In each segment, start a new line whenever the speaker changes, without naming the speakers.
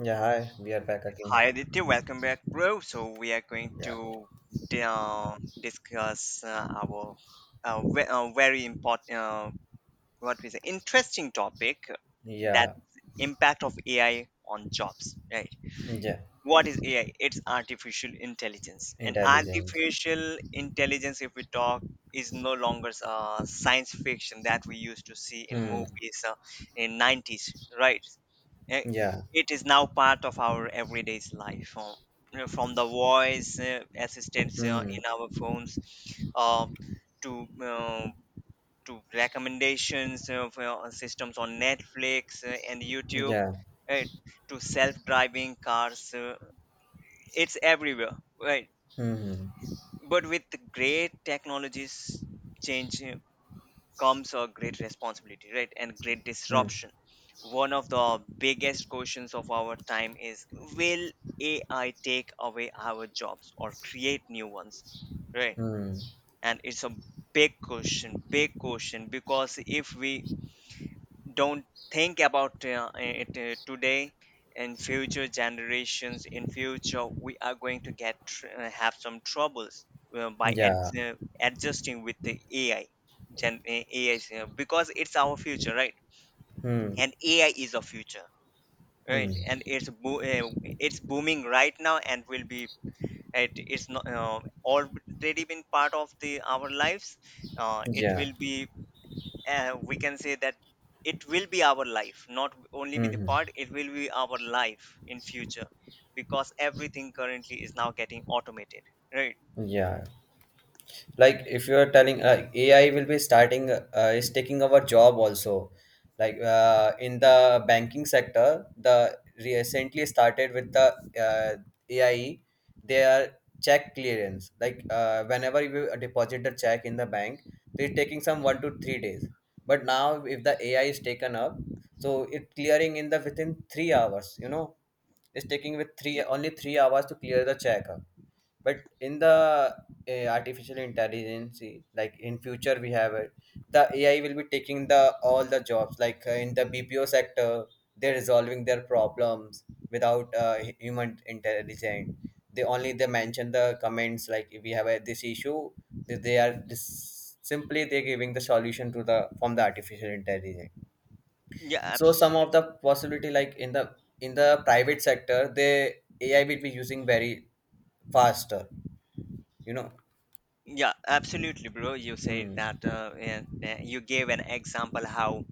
Yeah, hi, we are back again.
Hi Aditya, welcome back, bro. So we are going
Yeah,
to di- uh, discuss our very important, what we say, interesting topic that
yeah,
is impact of AI on jobs, right?
yeah.
What is AI? It's artificial intelligence. And
Intelligence.
artificial intelligence, if we talk, is no longer science fiction that we used to see in
Hmm.
movies in 90's, right? Eh,
Yeah.
It is now part of our everyday's life. From the voice assistants
Hmm.
in our phones, uh, to uh, to recommendations for our systems on Netflix and YouTube,
Yeah.
uh, to self-driving cars. It's everywhere, right?
Hmm.
But with great technologies change you comes a great responsibility, right? And great
Hmm.
disruption. One of the biggest questions of our time is, will ai take away our jobs or create new ones, right?
Hmm.
And it's a big question, big question, because if we don't think about it today and future generations in future, we are going to have some troubles uh, by
Yeah.
ad- uh, adjusting with the ai, gen ai 's, because it's our future, right?
Hmm.
And ai is a future,
Hmm.
right? And it's booming right now and will be, it's not already been part of the our lives, it
Yeah.
will be, we can say that it will be our life, not only be the
Hmm.
part, it will be our life in future, because everything currently is now getting automated, right?
Yeah. Like if you're telling, like, ai will be starting is taking our job also, like in the banking sector, the recently started with the uh, ai, they are check clearance, like whenever you deposit the check in the bank, they're taking some 1 to 3 days. But now if the ai is taken up, so it clearing in the within three hours. It's taking with three
Yep.
only 3 hours to clear the check. But in the artificial intelligence, like in future we have it, the ai will be taking the all the jobs, like in the BPO sector, they're resolving their problems without human intelligence. They only they mention the comments, like if we have this issue, they are simply they're giving the solution to the from the artificial intelligence.
Yeah,
So some
absolutely.
of the possibility, like in the private sector, the ai will be using very faster you know
Yeah, absolutely, bro. You said
Hmm.
that and you gave an example how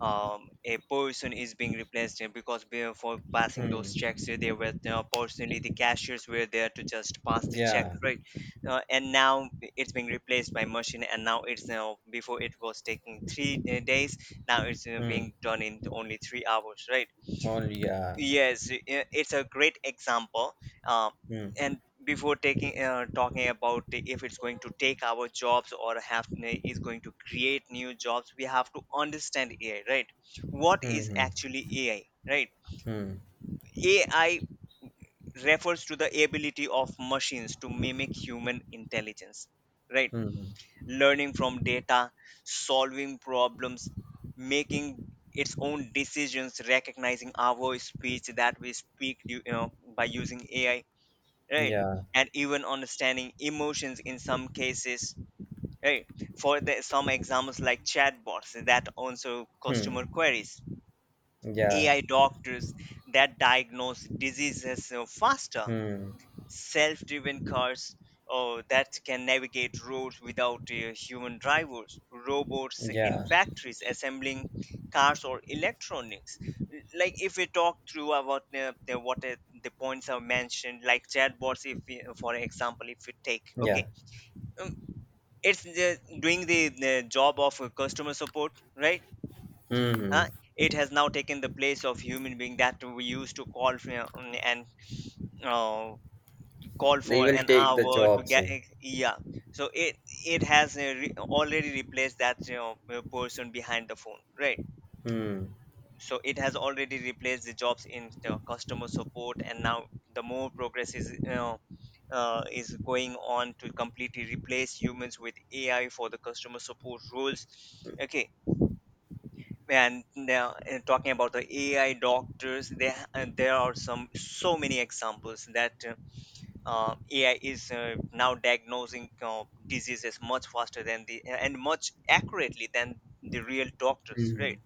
a person is being replaced because before passing
Hmm.
those checks, they were personally, the cashiers were there to just pass the check,
Yeah.
right? And now it's being replaced by machine, and now it's now before it was taking three days, now it's
Hmm.
being done in only 3 hours, right?
Only yeah.
Yes, it's a great example. Uh,
Hmm.
and before taking talking about if it's going to take our jobs or is going to create new jobs, we have to understand AI, right? What
Hmm.
is
Hmm.
actually AI, right?
Hmm.
AI refers to the ability of machines to mimic human intelligence, right?
Hmm.
Learning from data, solving problems, making its own decisions, recognizing our speech that we speak, you know, by using AI, right?
Yeah.
And even understanding emotions in some cases, right? For the, some examples like chatbots that answer
Hmm.
customer queries,
Yeah.
AI doctors that diagnose diseases faster,
Hmm.
self-driven cars that can navigate roads without human drivers, robots in
Yeah.
factories assembling cars or electronics. Like if we talk through about what the points are mentioned, like chatbots, if we, for example, if we take,
Yeah.
okay, um, it's the, doing the job of customer support, right?
Hmm.
Uh, it has now taken the place of human being that we used to call and uh, call
They
for
will
an
take the
hour to
jobs.
get.
Eh.
Yeah, so it has already replaced that, you know, person behind the phone, right?
Hmm.
So it has already replaced the jobs in the customer support, and now the more progress is, you know, is going on to completely replace humans with ai for the customer support roles, okay? And now talking about the ai doctors, there are some, so many examples that AI is now diagnosing diseases much faster than the, and much accurately than the real doctors,
Hmm.
right?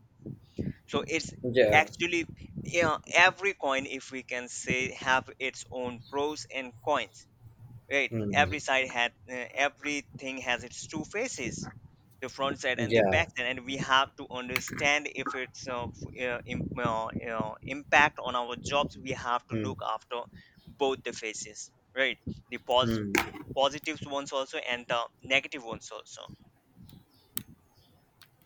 So it's
Yeah.
actually, yeah, every coin, if we can say, have its own pros and cons, right?
Hmm.
Every side had, everything has its two faces, the front side and the back
Yeah.
side, and we have to understand if it's impact on our jobs, we have to
Hmm.
look after both the faces, right? the pos-
Hmm.
Positives ones also, and the negative ones also.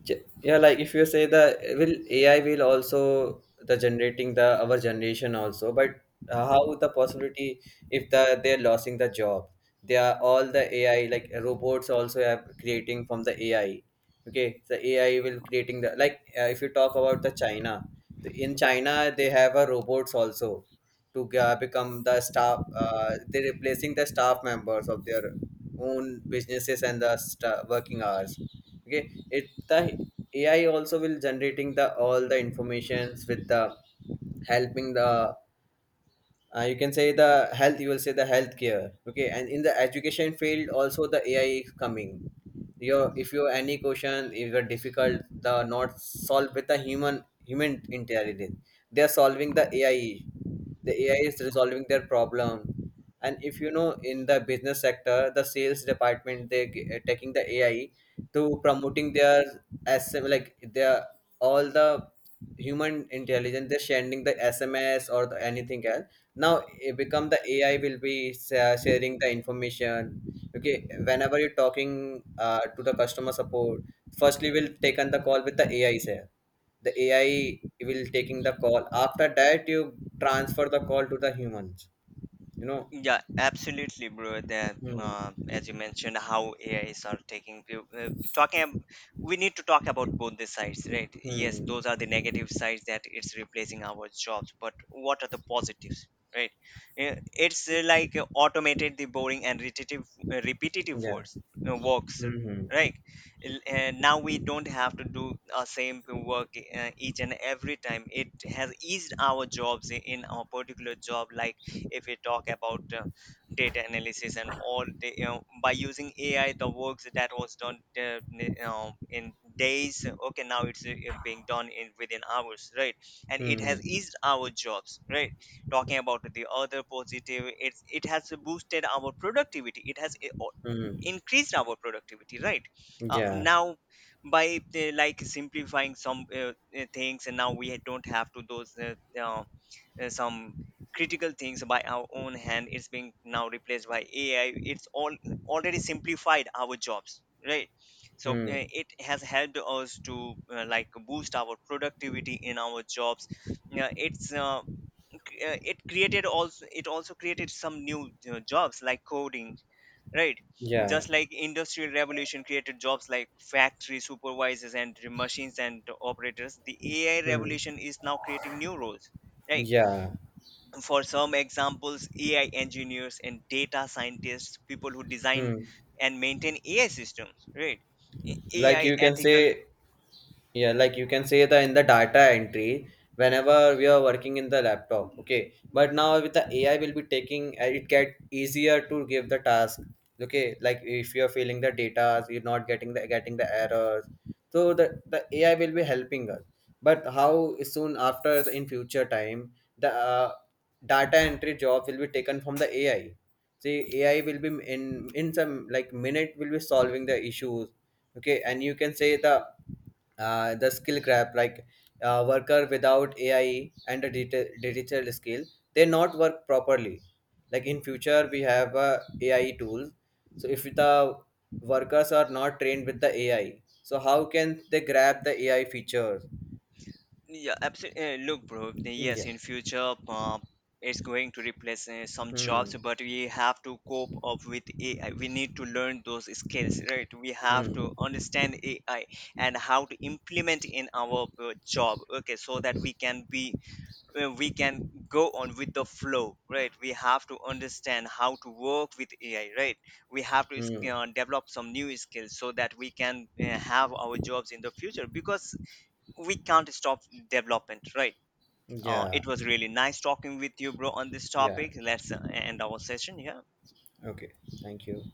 Yeah, like if you say the, will, ai will also the generating the our generation also, but how the possibility, if the they're losing the job, they are all the ai like robots also have creating from the ai. Okay, the ai will creating the, like if you talk about the china, in china they have a robots also, to become the staff, they're replacing the staff members of their own businesses and the working hours, okay. It the ai also will generating the all the informations, with the helping the, you can say the health, you will say the healthcare, okay, and in the education field also the ai is coming. Your if you any question, if you're difficult the not solved with the human intelligence, they are solving the ai. The ai is resolving their problem. And if you know, in the business sector, the sales department, they taking the ai to promoting their SM, like their all the human intelligence, they're sending the SMS or the anything else. Now it become the ai will be sharing the information. Okay, whenever you're talking to the customer support, firstly we'll take on the call with the AI here. The AI will taking the call. After that, you transfer the call to the humans. You know.
Yeah, absolutely, bro. That
Hmm.
as you mentioned, how A is are taking talking, we need to talk about
Yeah.
both the sides, right? Yes,
Hmm.
those are the negative sides that it's replacing our jobs, but what are the positives, right? It's like automated the boring and repetitive
Yeah.
works, works,
Hmm.
right? Now we don't have to do our same work each and every time. It has eased our jobs in our particular job, like if we talk about data analysis and all the, you know, by using ai, the works that was done, in days, okay, now it's being done in within hours, right? And it has
Hmm.
eased our jobs, right? Talking about the other positive, it's, it has boosted our productivity, it has
Hmm.
increased our productivity, right?
Yeah.
Now by the, like simplifying some things, and now we don't have to those some critical things by our own hand, it's being now replaced by ai, it's all already simplified our jobs, right? So
Hmm.
it has helped us to like boost our productivity in our jobs. Yeah, it's it created also, it also created some new jobs like coding, right?
Yeah.
Just like industrial revolution created jobs like factory supervisors and machines and operators, the ai
Hmm.
revolution is now creating new roles, right?
Yeah.
For some examples, ai engineers and data scientists, people who design
Hmm.
and maintain ai systems, right? A-
Like
ai
you can
ethical.
say, yeah, like you can say that in the data entry, whenever we are working in the laptop, okay. But now with the AI will be taking, it get easier to give the task, okay. Like if you are filling the data, you're not getting the errors, so the AI will be helping us. But how soon after in future time, the data entry job will be taken from the AI. See, AI will be in some like minute will be solving the issues, okay. And you can say the, the skill gap, like worker without ai and a digital skill, they not work properly. Like in future we have a ai tool, so if the workers are not trained with the ai, so how can they grab the ai features?
Yeah, absolutely, look bro, yes,
Yeah.
in future it's going to replace some
Hmm.
jobs, but we have to cope up with ai, we need to learn those skills, right? We have to
Hmm.
understand ai and how to implement in our job, okay, so that we can be, we can go on with the flow, right? We have to understand how to work with ai, right? We have to
Hmm.
develop some new skills so that we can have our jobs in the future, because we can't stop development, right?
Yeah.
It was really nice talking with you, bro, on this
Yeah.
topic. Let's end our session here.
Okay. Thank you.